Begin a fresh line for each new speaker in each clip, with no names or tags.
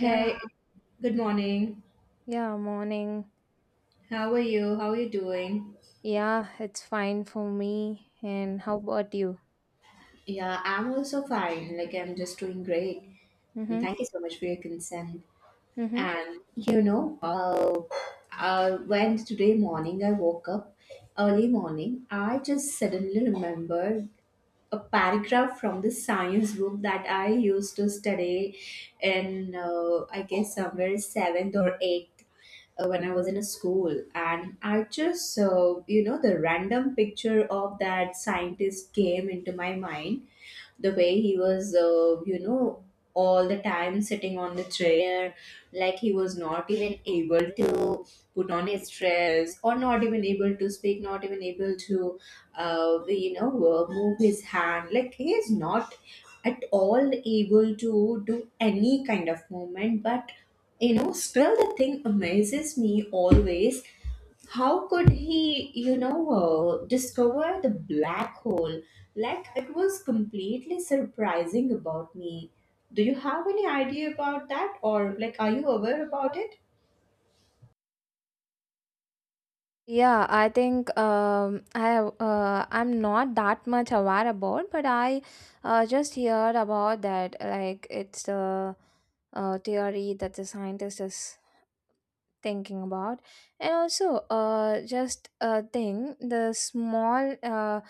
Yeah,
good morning.
yeah, morning.
How are you? How are you doing?
Yeah, it's fine for me. And how about you?
Yeah, I'm also fine. Like, I'm just doing great. And
Mm-hmm.
thank you so much for your consent.
Mm-hmm.
And, when today morning I woke up, early morning, I just suddenly remembered a paragraph from the science book that I used to study in, I guess, somewhere seventh or eighth when I was in a school, and I just, you know, the random picture of that scientist came into my mind the way he was all the time sitting on the chair, like he was not even able to put on his dress, or not even able to speak, not even able to move his hand. Like he is not at all able to do any kind of movement, but you know, still the thing amazes me always, how could he discover the black hole? Like, it was completely surprising about me. Do you have any idea about that, or like, are you aware about it?
Yeah, I think I'm not that much aware about, but I just heard about that. Like it's the theory that the scientist is thinking about, and also just a thing, the small uh,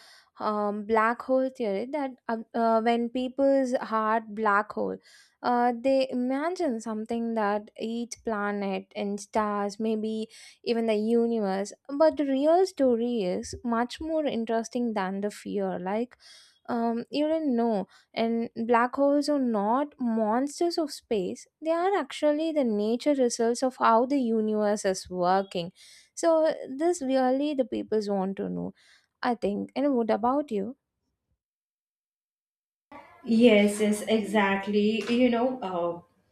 um, black hole theory that when people's heart black hole, they imagine something that each planet and stars, maybe even the universe. But the real story is much more interesting than the fear, like you didn't know, and black holes are not monsters of space, they are actually the nature results of how the universe is working. So, this really the people want to know, I think. And what about you?
Yes, yes, exactly.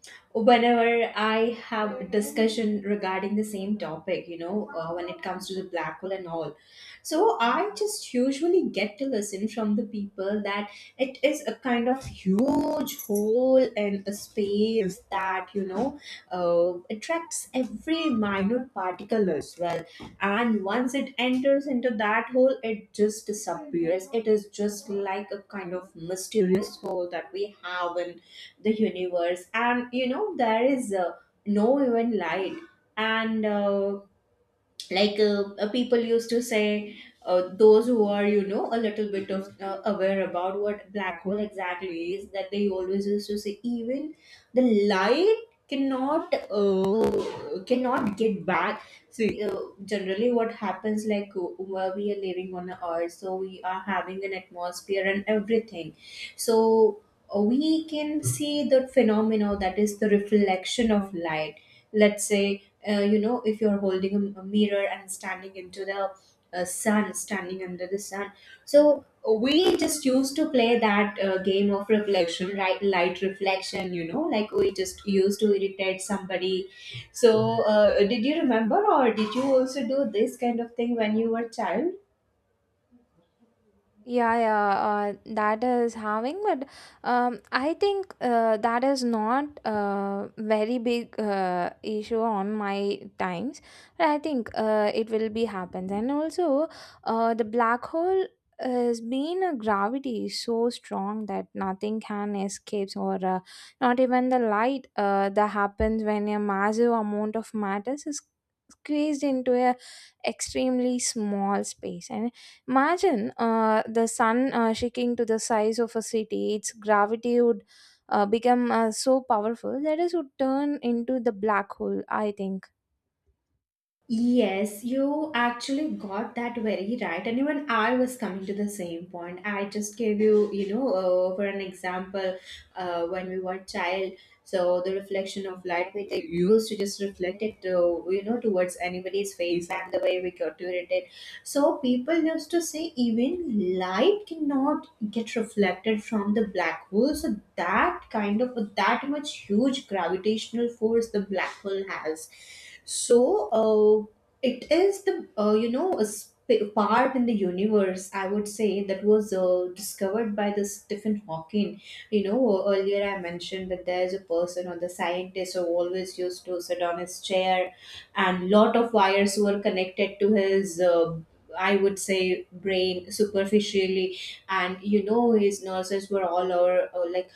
Whenever I have a discussion regarding the same topic, when it comes to the black hole and all. So I just usually get to listen from the people that it is a kind of huge hole in a space that, attracts every minute particle as well. And once it enters into that hole, it just disappears. It is just like a kind of mysterious hole that we have in the universe. And you know, there is no even light, and people used to say, those who are, you know, a little bit of aware about what black hole exactly is, that they always used to say, even the light cannot cannot get back. See, generally what happens, like, where we are living on a earth, so we are having an atmosphere and everything. So we can see the phenomena that is the reflection of light. Let's say if you're holding a mirror and standing into the sun standing under the sun. So we just used to play that game of reflection, right? Light reflection, you know, like we just used to irritate somebody. So did you remember, or did you also do this kind of thing when you were child?
Yeah, yeah, that is having, but I think that is not a very big issue on my times. But I think it will be happens, and also the black hole has been a gravity so strong that nothing can escapes, or not even the light. That happens when a massive amount of matter is squeezed into a extremely small space, and imagine the sun shaking to the size of a city. Its gravity would become so powerful that it would turn into the black hole, I think.
Yes, you actually got that very right. And even I was coming to the same point. I just gave you, for an example, when we were child, so the reflection of light, we used to just reflect it, to, you know, towards anybody's face, and the way we got to it. So people used to say even light cannot get reflected from the black hole. So that kind of, that much huge gravitational force the black hole has. So it is the a part in the universe, I would say, that was discovered by this Stephen Hawking. You know, earlier I mentioned that there's a person or the scientist who always used to sit on his chair, and lot of wires were connected to his, I would say, brain superficially. And you know, his nurses were all over, like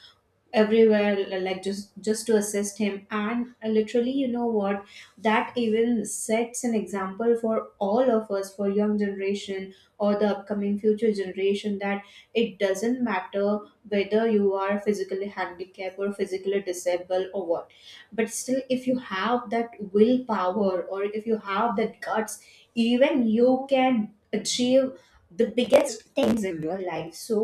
everywhere, like just to assist him. And literally, you know what, that even sets an example for all of us, for young generation or the upcoming future generation, that it doesn't matter whether you are physically handicapped or physically disabled or what, but still if you have that willpower, or if you have that guts, even you can achieve the biggest things in your life. So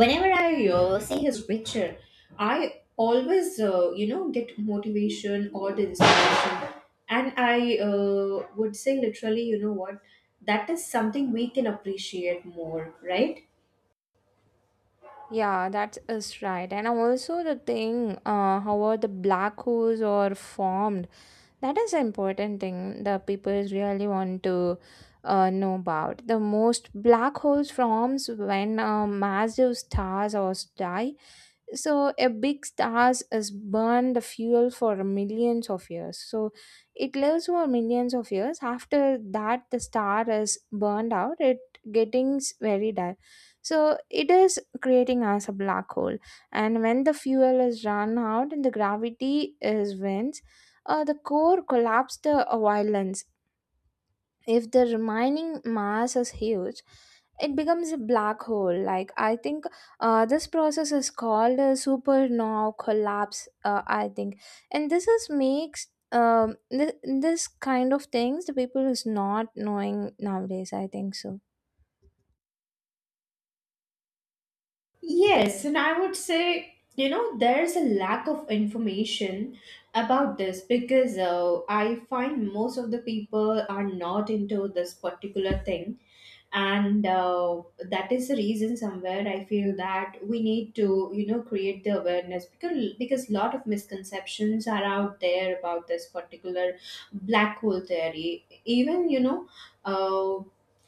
whenever I see his picture, I always get motivation or the inspiration. And I would say, literally, you know what, that is something we can appreciate more, right?
Yeah, that is right. And also the thing, how are the black holes are formed? That is an important thing that people really want to know about. The most black holes forms when massive stars or die, so a big stars has burned the fuel for millions of years, so it lives for millions of years. After that the star is burned out, it getting very dark, so it is creating as a black hole. And when the fuel is run out and the gravity is wins, the core collapse the violence. If the remaining mass is huge, it becomes a black hole, like I think this process is called a supernova collapse, I think. And this is makes, this kind of things the people is not knowing nowadays, I think so.
Yes, and I would say, you know, there's a lack of information about this, because I find most of the people are not into this particular thing. And that is the reason, somewhere I feel that we need to, you know, create the awareness, because lot of misconceptions are out there about this particular black hole theory. Even uh,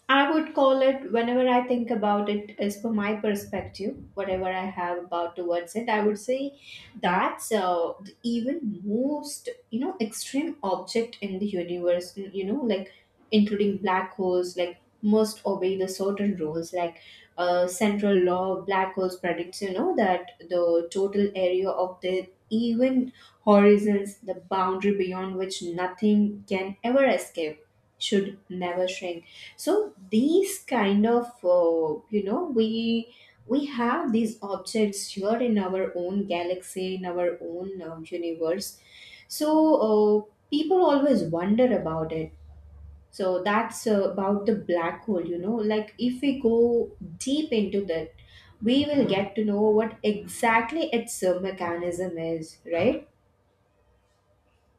I would call it, whenever I think about it, as per my perspective, whatever I have about towards it, I would say that's the even most, you know, extreme object in the universe, you know, like including black holes, like, must obey the certain rules. Like, central law, black holes predicts, you know, that the total area of the even horizons, the boundary beyond which nothing can ever escape, should never shrink. So these kind of we, have these objects here in our own galaxy, in our own universe. So uh, people always wonder about it. So that's about the black hole, you know. Like, if we go deep into that, we will get to know what exactly its mechanism is, right?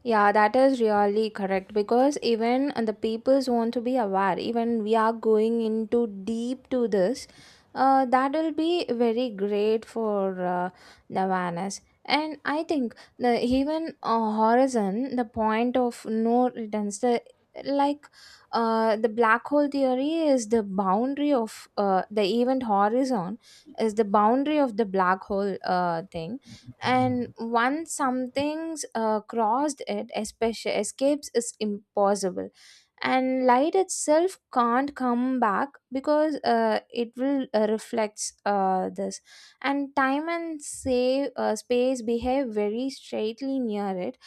Yeah, that is really correct because even the peoples want to be aware. Even we are going into deep to this, that will be very great for the awareness. And I think the even horizon, the point of no returns, the like the black hole theory is the boundary of the event horizon, is the boundary of the black hole thing. And once something's crossed it, especially escapes is impossible, and light itself can't come back because it will reflects this. And time and say space behave very straightly near it.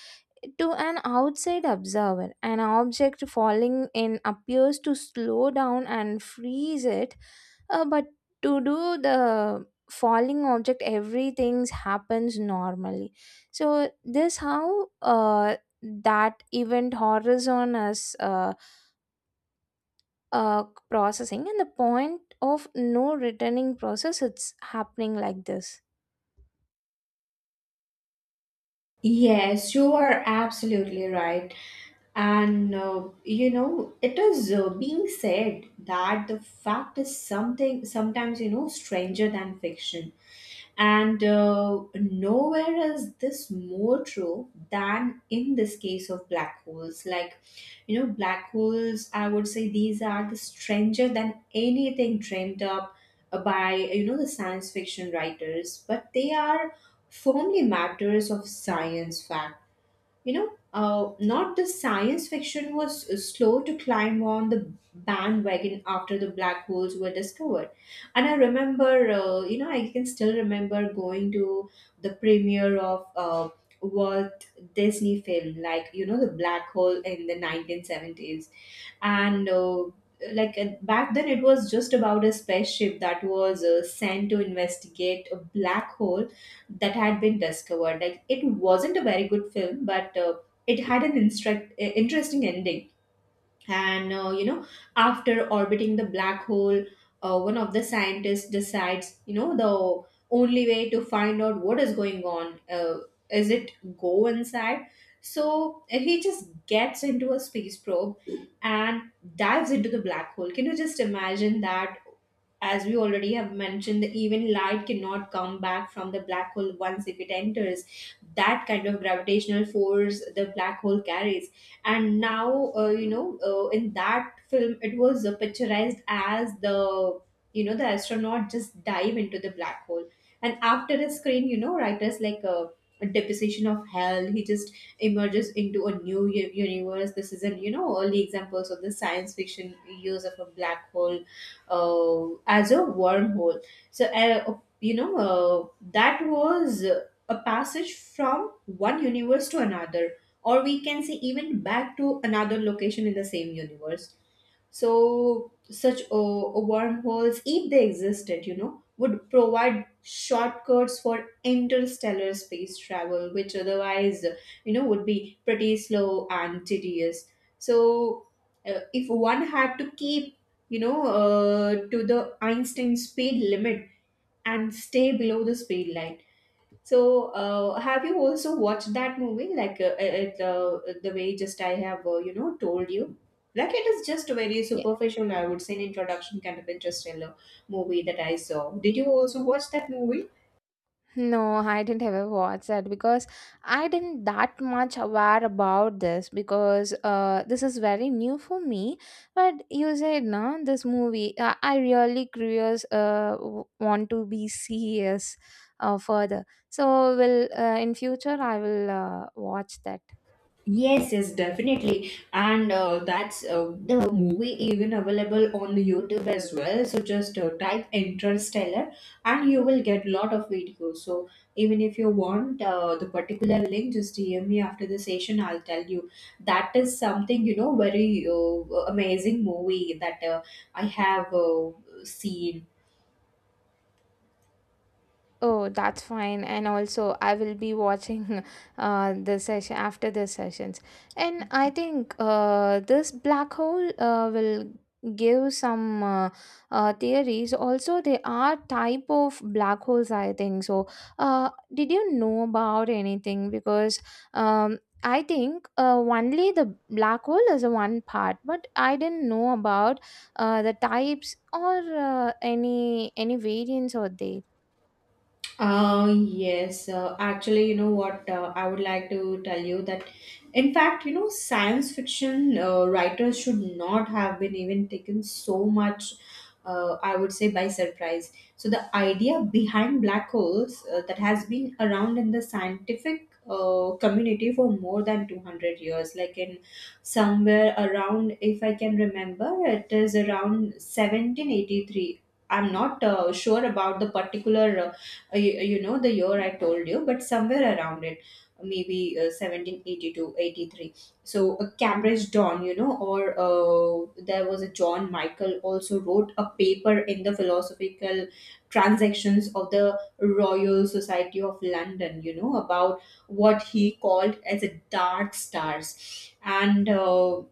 To an outside observer, an object falling in appears to slow down and freeze it, but to do the falling object, everything happens normally. So this how that event horizon is, uh, processing, and the point of no returning process, it's happening like this.
Yes, you are absolutely right. And it is being said that the fact is something, sometimes, you know, stranger than fiction. And nowhere is this more true than in this case of black holes. Like, you know, black holes, I would say, these are the stranger than anything dreamed up by, you know, the science fiction writers, but they are firmly matters of science fact. Not the science fiction was slow to climb on the bandwagon after the black holes were discovered. And I remember, I can still remember going to the premiere of Walt Disney film, like, you know, the black hole in the 1970s. And back then it was just about a spaceship that was sent to investigate a black hole that had been discovered. Like, it wasn't a very good film, but it had an interesting ending. And after orbiting the black hole, one of the scientists decides, you know, the only way to find out what is going on is it go inside. So he just gets into a space probe and dives into the black hole. Can you just imagine that? As we already have mentioned, even light cannot come back from the black hole once if it enters. That kind of gravitational force the black hole carries. And now, in that film it was picturized as, the you know, the astronaut just dive into the black hole. And after a screen, you know, writers like, a deposition of hell, he just emerges into a new universe. This is an, you know, early examples of the science fiction use of a black hole as a wormhole. So, that was a passage from one universe to another, or we can say, even back to another location in the same universe. So such wormholes, if they existed, you know, would provide shortcuts for interstellar space travel, which otherwise, you know, would be pretty slow and tedious. So, if one had to keep, you know, to the Einstein speed limit and stay below the speed line. So, have you also watched that movie? Like the way just I have, told you. Like, it is just a very superficial, I would say, an introduction kind of interstellar movie that I saw. Did you also watch that movie?
No, I didn't ever watch that because I didn't that much aware about this, because this is very new for me. But you said no, this movie, I really curious, want to be serious further. So will, in future, I will watch that.
Yes, yes, definitely. And that's the movie even available on the YouTube as well. So just type Interstellar and you will get lot of videos. So even if you want, the particular link, just DM me after the session. I'll tell you. That is something, you know, very amazing movie that I have seen.
Oh, that's fine. And also, I will be watching the session after the sessions. And I think this black hole will give some theories. Also, there are type of black holes, I think so. Did you know about anything? Because I think only the black hole is a one part, but I didn't know about the types, or any variants or they.
Yes, actually, you know what, I would like to tell you that, in fact, you know, science fiction writers should not have been even taken so much, I would say, by surprise. So the idea behind black holes, that has been around in the scientific community for more than 200 years, like in somewhere around, if I can remember, it is around 1783. I'm not sure about the particular you know, the year I told you, but somewhere around it, maybe 1782. So a Cambridge Don, you know, or there was a John Michael, also wrote a paper in the philosophical transactions of the Royal Society of London, you know, about what he called as a dark stars. And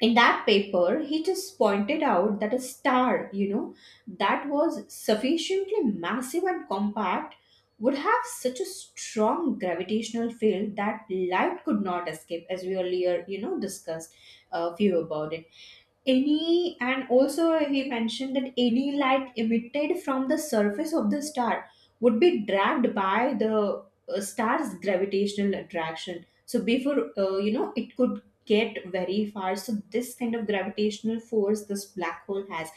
in that paper he just pointed out that a star that was sufficiently massive and compact would have such a strong gravitational field that light could not escape, as we earlier, discussed a few about it. Any and also he mentioned that any light emitted from the surface of the star would be dragged by the star's gravitational attraction, so before, it could get very far. So this kind of gravitational force this black hole has.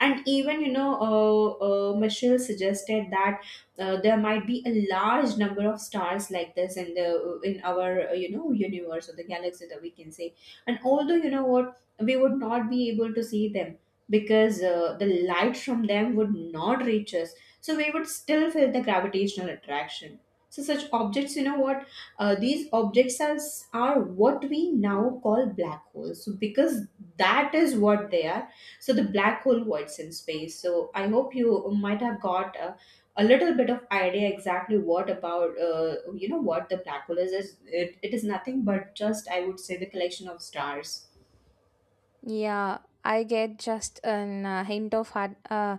And even, Michelle suggested that there might be a large number of stars like this in the in our, universe or the galaxy, that we can say. And although, you know what, we would not be able to see them because the light from them would not reach us. So we would still feel the gravitational attraction. So such objects, you know what? These objects are what we now call black holes. So because that is what they are. So the black hole voids in space. So I hope you might have got a little bit of idea exactly what about, what the black hole is. It is nothing but just, I would say, the collection of stars.
Yeah, I get just an hint of hard, uh,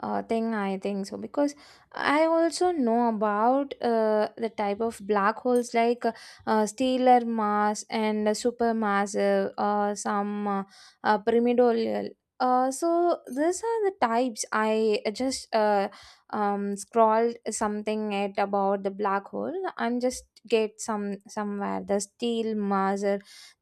uh, thing, I think so, because I also know about the type of black holes, like stellar mass and supermassive, some pyramidal. So these are the types. I just scrolled something at about the black hole. I'm just get some, somewhere the steel mass,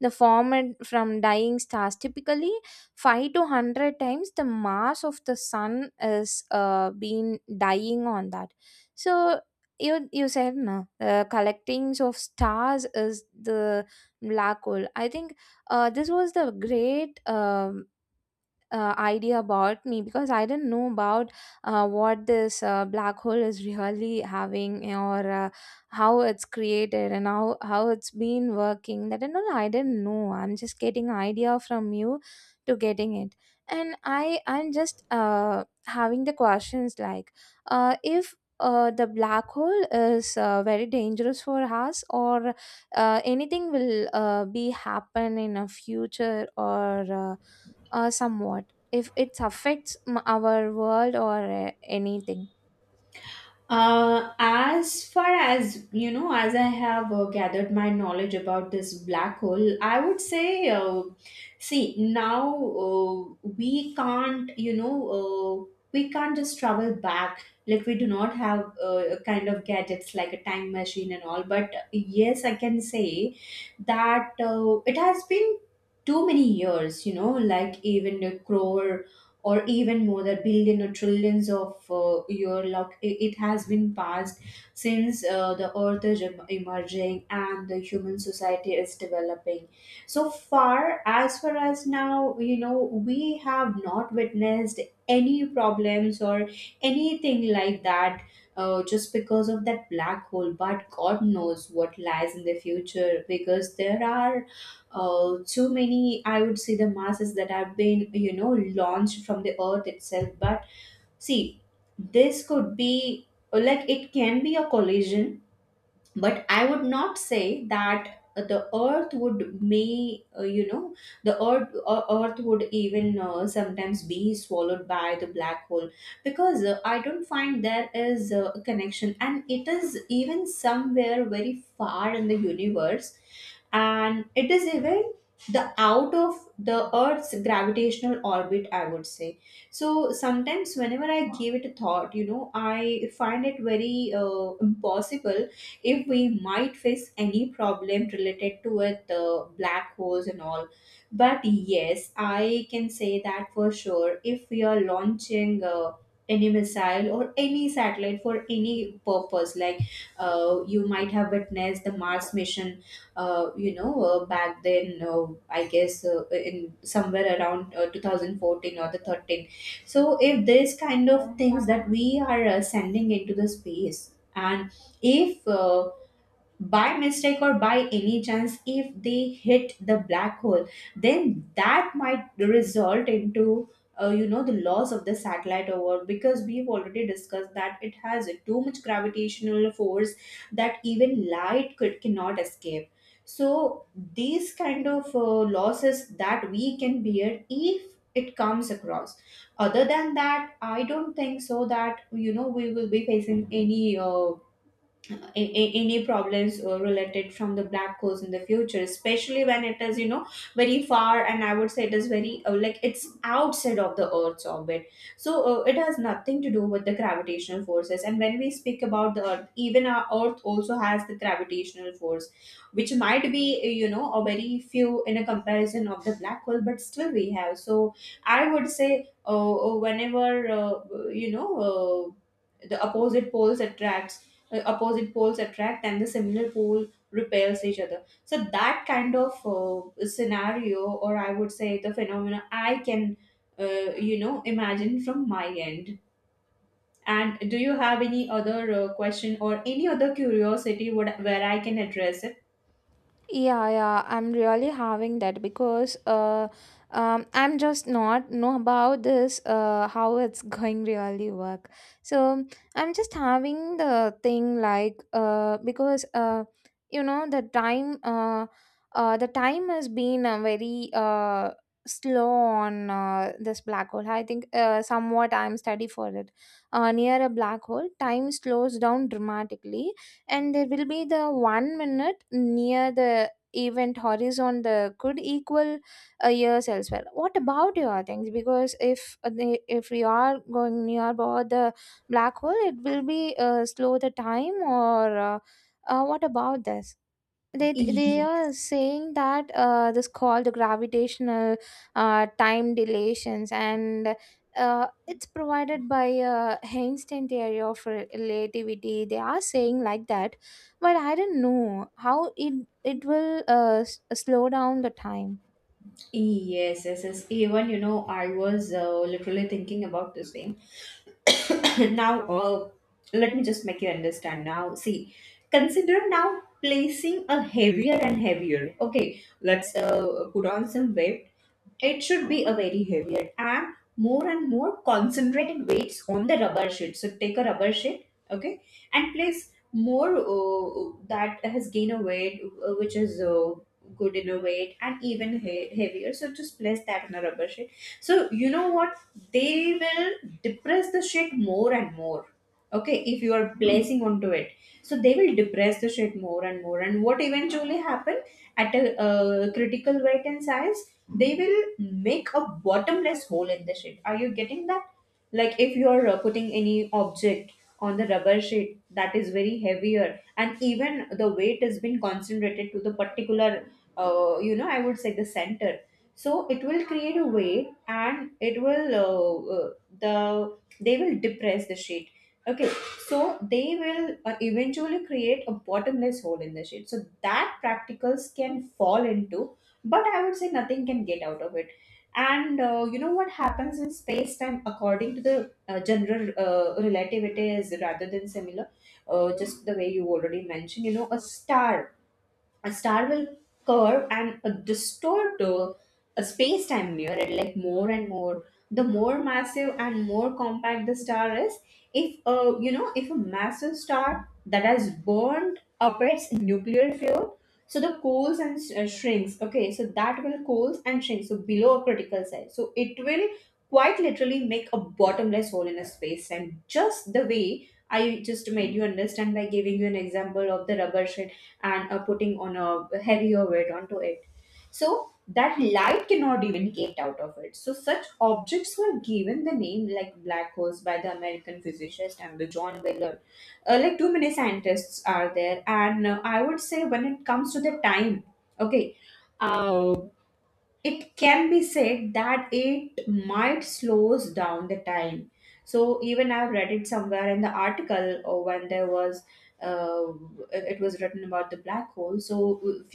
the formed from dying stars, typically 5 to 100 times the mass of the sun is been dying on that. So, you said no, collectings of stars is the black hole, I think. This was the great, idea about me, because I didn't know about what this black hole is really having, or how it's created, and how it's been working. That and all I didn't know. I'm just getting idea from you to getting it. And I'm just having the questions, like if the black hole is very dangerous for us, or anything will be happen in a future, or somewhat if it affects our world, or anything.
As far as you know, as I have gathered my knowledge about this black hole, I would say, see, now, we can't, you know, we can't just travel back. Like, we do not have kind of gadgets like a time machine and all. But yes, I can say that it has been too many years. You know, like even a crore or even more, that billion or trillions of year, like it has been passed since the earth is emerging and the human society is developing. So far, as far as now, you know, we have not witnessed any problems or anything like that, just because of that black hole. But god knows what lies in the future, because there are too many, I would say, the masses that have been, launched from the earth itself. But see, this could be like, it can be a collision. But I would not say that the earth would may, the earth would even sometimes be swallowed by the black hole, because I don't find there is a connection, and it is even somewhere very far in the universe, and it is even the out of the earth's gravitational orbit, I would say. So sometimes, whenever I give it a thought, you know, I find it very impossible if we might face any problem related to it, black holes and all. But yes, I can say that for sure, if we are launching any missile or any satellite for any purpose, like, you might have witnessed the Mars mission, back then. I guess in somewhere around 2014 or the 13. So if this kind of things that we are sending into the space, and if by mistake or by any chance if they hit the black hole, then that might result into, the loss of the satellite. Over, because we've already discussed that it has too much gravitational force, that even light could cannot escape. So these kind of losses that we can bear if it comes across. Other than that, I don't think so that, you know, we will be facing any any problems related from the black holes in the future, especially when it is, you know, very far, and I would say it is very like it's outside of the earth's orbit. So it has nothing to do with the gravitational forces. And when we speak about the earth, even our earth also has the gravitational force, which might be, a very few in a comparison of the black hole, but still we have. So I would say, whenever, the opposite poles attracts opposite poles attract, and the similar pole repels each other. So that kind of scenario, or I would say the phenomena, I can, imagine from my end. And do you have any other question or any other curiosity Would where I can address it?
Yeah, yeah, I'm really having that, because I'm just not know about this, how it's going really work. So I'm just having the thing, like because, the time, the time has been very slow on this black hole. I think somewhat I'm study for it. Near a black hole, time slows down dramatically, and there will be the 1 minute near the event horizon, the could equal a years elsewhere. What about your things? Because if they, if we are going near about the black hole, it will be slow the time, or what about this? They are
Yes,
saying that this called the gravitational time dilations, and it's provided by Einstein theory of relativity, they are saying like that. But I don't know how it will, slow down the time.
yes. Even, you know, I was literally thinking about this thing now. Let me just make you understand now. See, consider now placing a heavier and heavier, okay, let's put on some weight. It should be a very heavier and more concentrated weights on the rubber sheet. So take a rubber sheet, okay, and place more, that has gained a weight, which is good in a weight and even heavier. So just place that on a rubber sheet. So you know what? They will depress the sheet more and more. Okay, if you are placing onto it, so they will depress the sheet more and more. And what eventually happen at a critical weight and size? They will make a bottomless hole in the sheet. Are you getting that? Like if you are putting any object on the rubber sheet that is very heavier, and even the weight has been concentrated to the particular, I would say the center. So it will create a weight, and it will they will depress the sheet. Okay, so they will eventually create a bottomless hole in the sheet. So that practicals can fall into, but I would say nothing can get out of it. And you know what happens in space time according to the general relativity is rather than similar, just the way you already mentioned, you know, a star, a star will curve and distort a space-time near it, like more and more the more massive and more compact the star is. If if a massive star that has burned up its nuclear fuel, so the cools and shrinks, okay, so that will cools and shrinks, so below a critical size, so it will quite literally make a bottomless hole in a space time, just the way I just made you understand by giving you an example of the rubber and putting on a heavier weight onto it. So that light cannot even get out of it. So such objects were given the name like black holes by the American physicist and the John Wheeler. Like too many scientists are there, and I would say when it comes to the time, okay, uh, it can be said that it might slows down the time. So even I've read it somewhere in the article, or when there was, uh, it was written about the black hole. So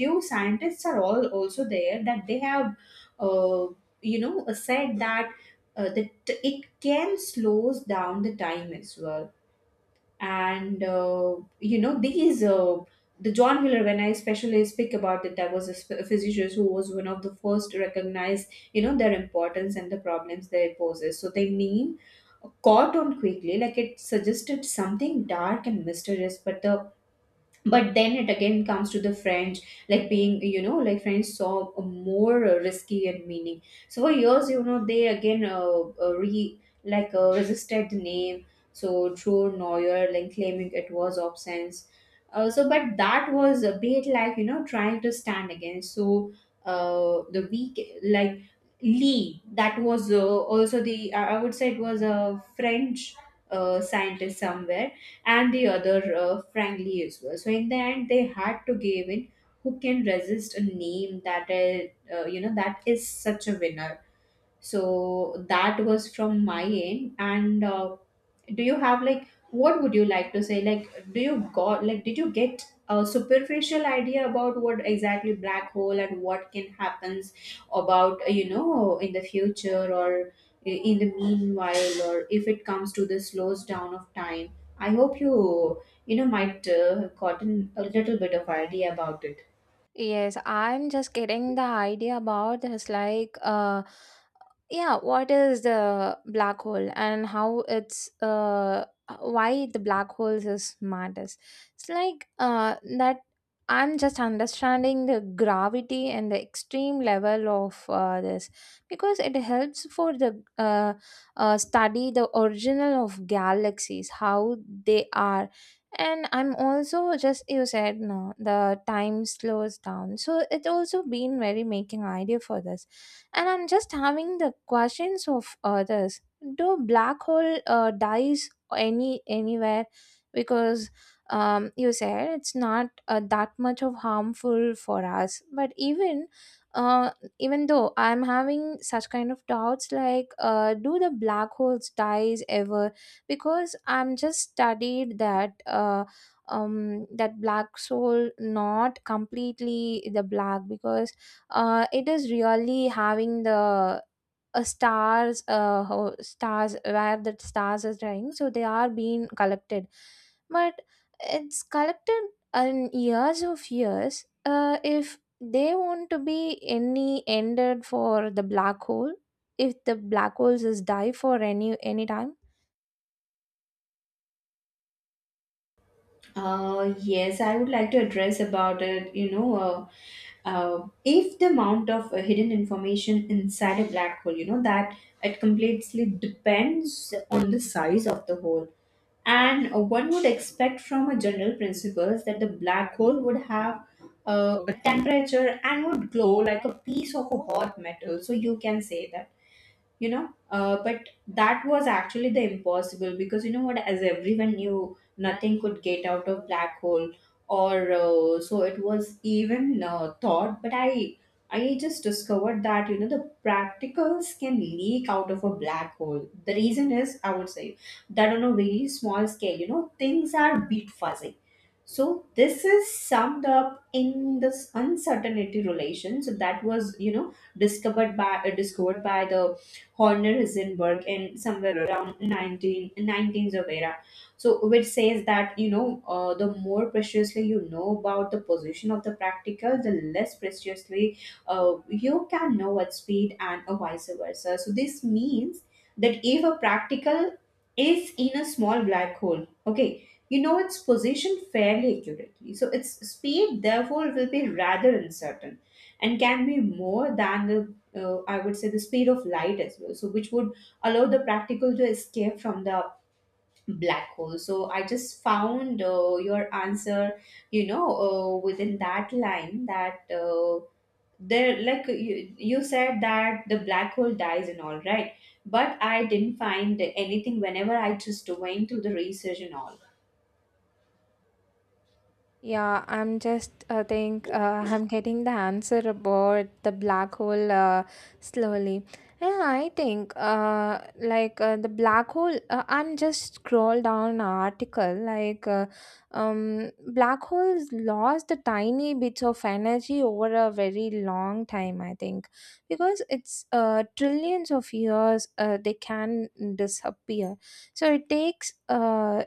few scientists are all also there that they have, uh, said that that it can slows down the time as well. And these the john miller, when I especially speak about it, there was a, a physician who was one of the first to recognize, you know, their importance and the problems they poses. So they mean caught on quickly, like it suggested something dark and mysterious. But then it again comes to the French, like being, you know, like French saw a more risky and meaning. So for years, you know, they again re like resisted the name. So true neuer, like claiming it was absence. So but that was a bit like, you know, trying to stand against. So the weak, like Lee, that was also the I would say it was a French scientist somewhere, and the other, frankly as well. So in the end, they had to give in. Who can resist a name that is, that is such a winner? So that was from my end. And do you have like, what would you like to say? Like, do you got like, did you get a superficial idea about what exactly black hole and what can happens about, in the future, or in the meanwhile, or if it comes to the slows down of time? I hope you, you know might have gotten a little bit of idea about it.
Yes, I'm just getting the idea about this, like yeah, what is the black hole and how it's why the black holes is matters. It's like that I'm just understanding the gravity and the extreme level of this, because it helps for the study the original of galaxies, how they are. And I'm also just, you said no, the time slows down, so it also been very making idea for this. And I'm just having the questions of others. Do black hole dies anywhere? Because you said it's not that much of harmful for us, but even, uh, even though I'm having such kind of doubts, like do the black holes dies ever? Because I'm just studied that, that black soul not completely the black, because it is really having the stars, stars where the stars is dying, so they are being collected, but it's collected in years of years. If they want to be any ended for the black hole, if the black holes is die for any time.
Yes, I would like to address about it, you know. If the amount of hidden information inside a black hole, you know, that it completely depends on the size of the hole. And one would expect from a general principles that the black hole would have a temperature and would glow like a piece of a hot metal. So you can say that, but that was actually the impossible, because, you know what, as everyone knew, nothing could get out of black hole, or so it was even thought. But I just discovered that, you know, the practicals can leak out of a black hole. The reason is, I would say, that on a very small scale, you know, things are bit fuzzy. So this is summed up in this uncertainty relation. So that was, you know, discovered by the Horner Heisenberg in somewhere around 19 19th of era. So which says that, the more preciously you know about the position of the practical, the less preciously you can know at speed, and vice versa. So this means that if a practical is in a small black hole, okay, you know its position fairly accurately. So its speed, therefore, will be rather uncertain, and can be more than the, I would say, the speed of light as well. So which would allow the practical to escape from the black hole. So I just found your answer, within that line that. There, like you said that the black hole dies and all right, but I didn't find anything whenever I just went to the research and all.
Yeah, I'm just think I'm getting the answer about the black hole slowly. Yeah, I think like the black hole. I'm just scroll down article, like black holes lost the tiny bits of energy over a very long time, I think, because it's trillions of years, they can disappear. So it takes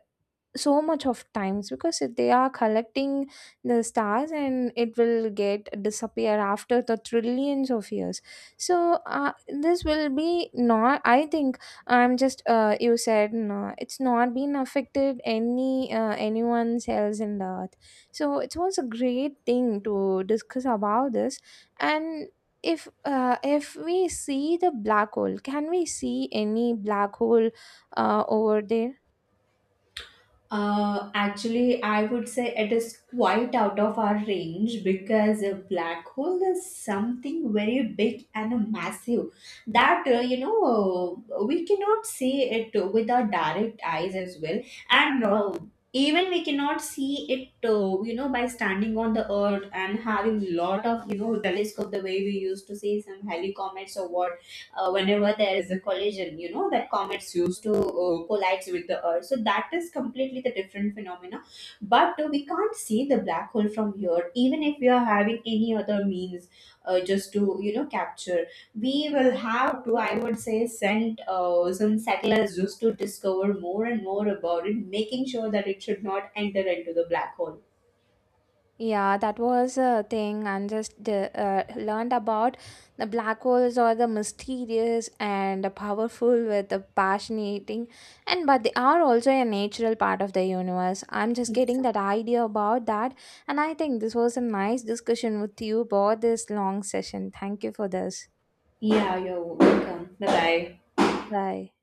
so much of times, because if they are collecting the stars and it will get disappear after the trillions of years. So this will be not, I think. I'm just you said no, it's not been affected any, anyone's else in the earth. So it was a great thing to discuss about this. And if, we see the black hole, can we see any black hole over there?
Actually, I would say it is quite out of our range, because a black hole is something very big and massive that, we cannot see it with our direct eyes as well. And even we cannot see it, by standing on the earth and having lot of, you know, telescope, the way we used to see some helicometers or what, whenever there is a collision, you know, that comets used to collides with the earth. So that is completely the different phenomena. But we can't see the black hole from here, even if we are having any other means, just to, you know, capture. We will have to, I would say, send some settlers just to discover more and more about it, making sure that it should not enter into the black hole.
Yeah, that was a thing, and just learned about the black holes are the mysterious and powerful with the fascinating, and but they are also a natural part of the universe. I'm just getting that
Exactly.
idea about that, and I think this was a nice discussion with you about this long session. Thank you for this.
Yeah, you're welcome. Bye bye.
Bye.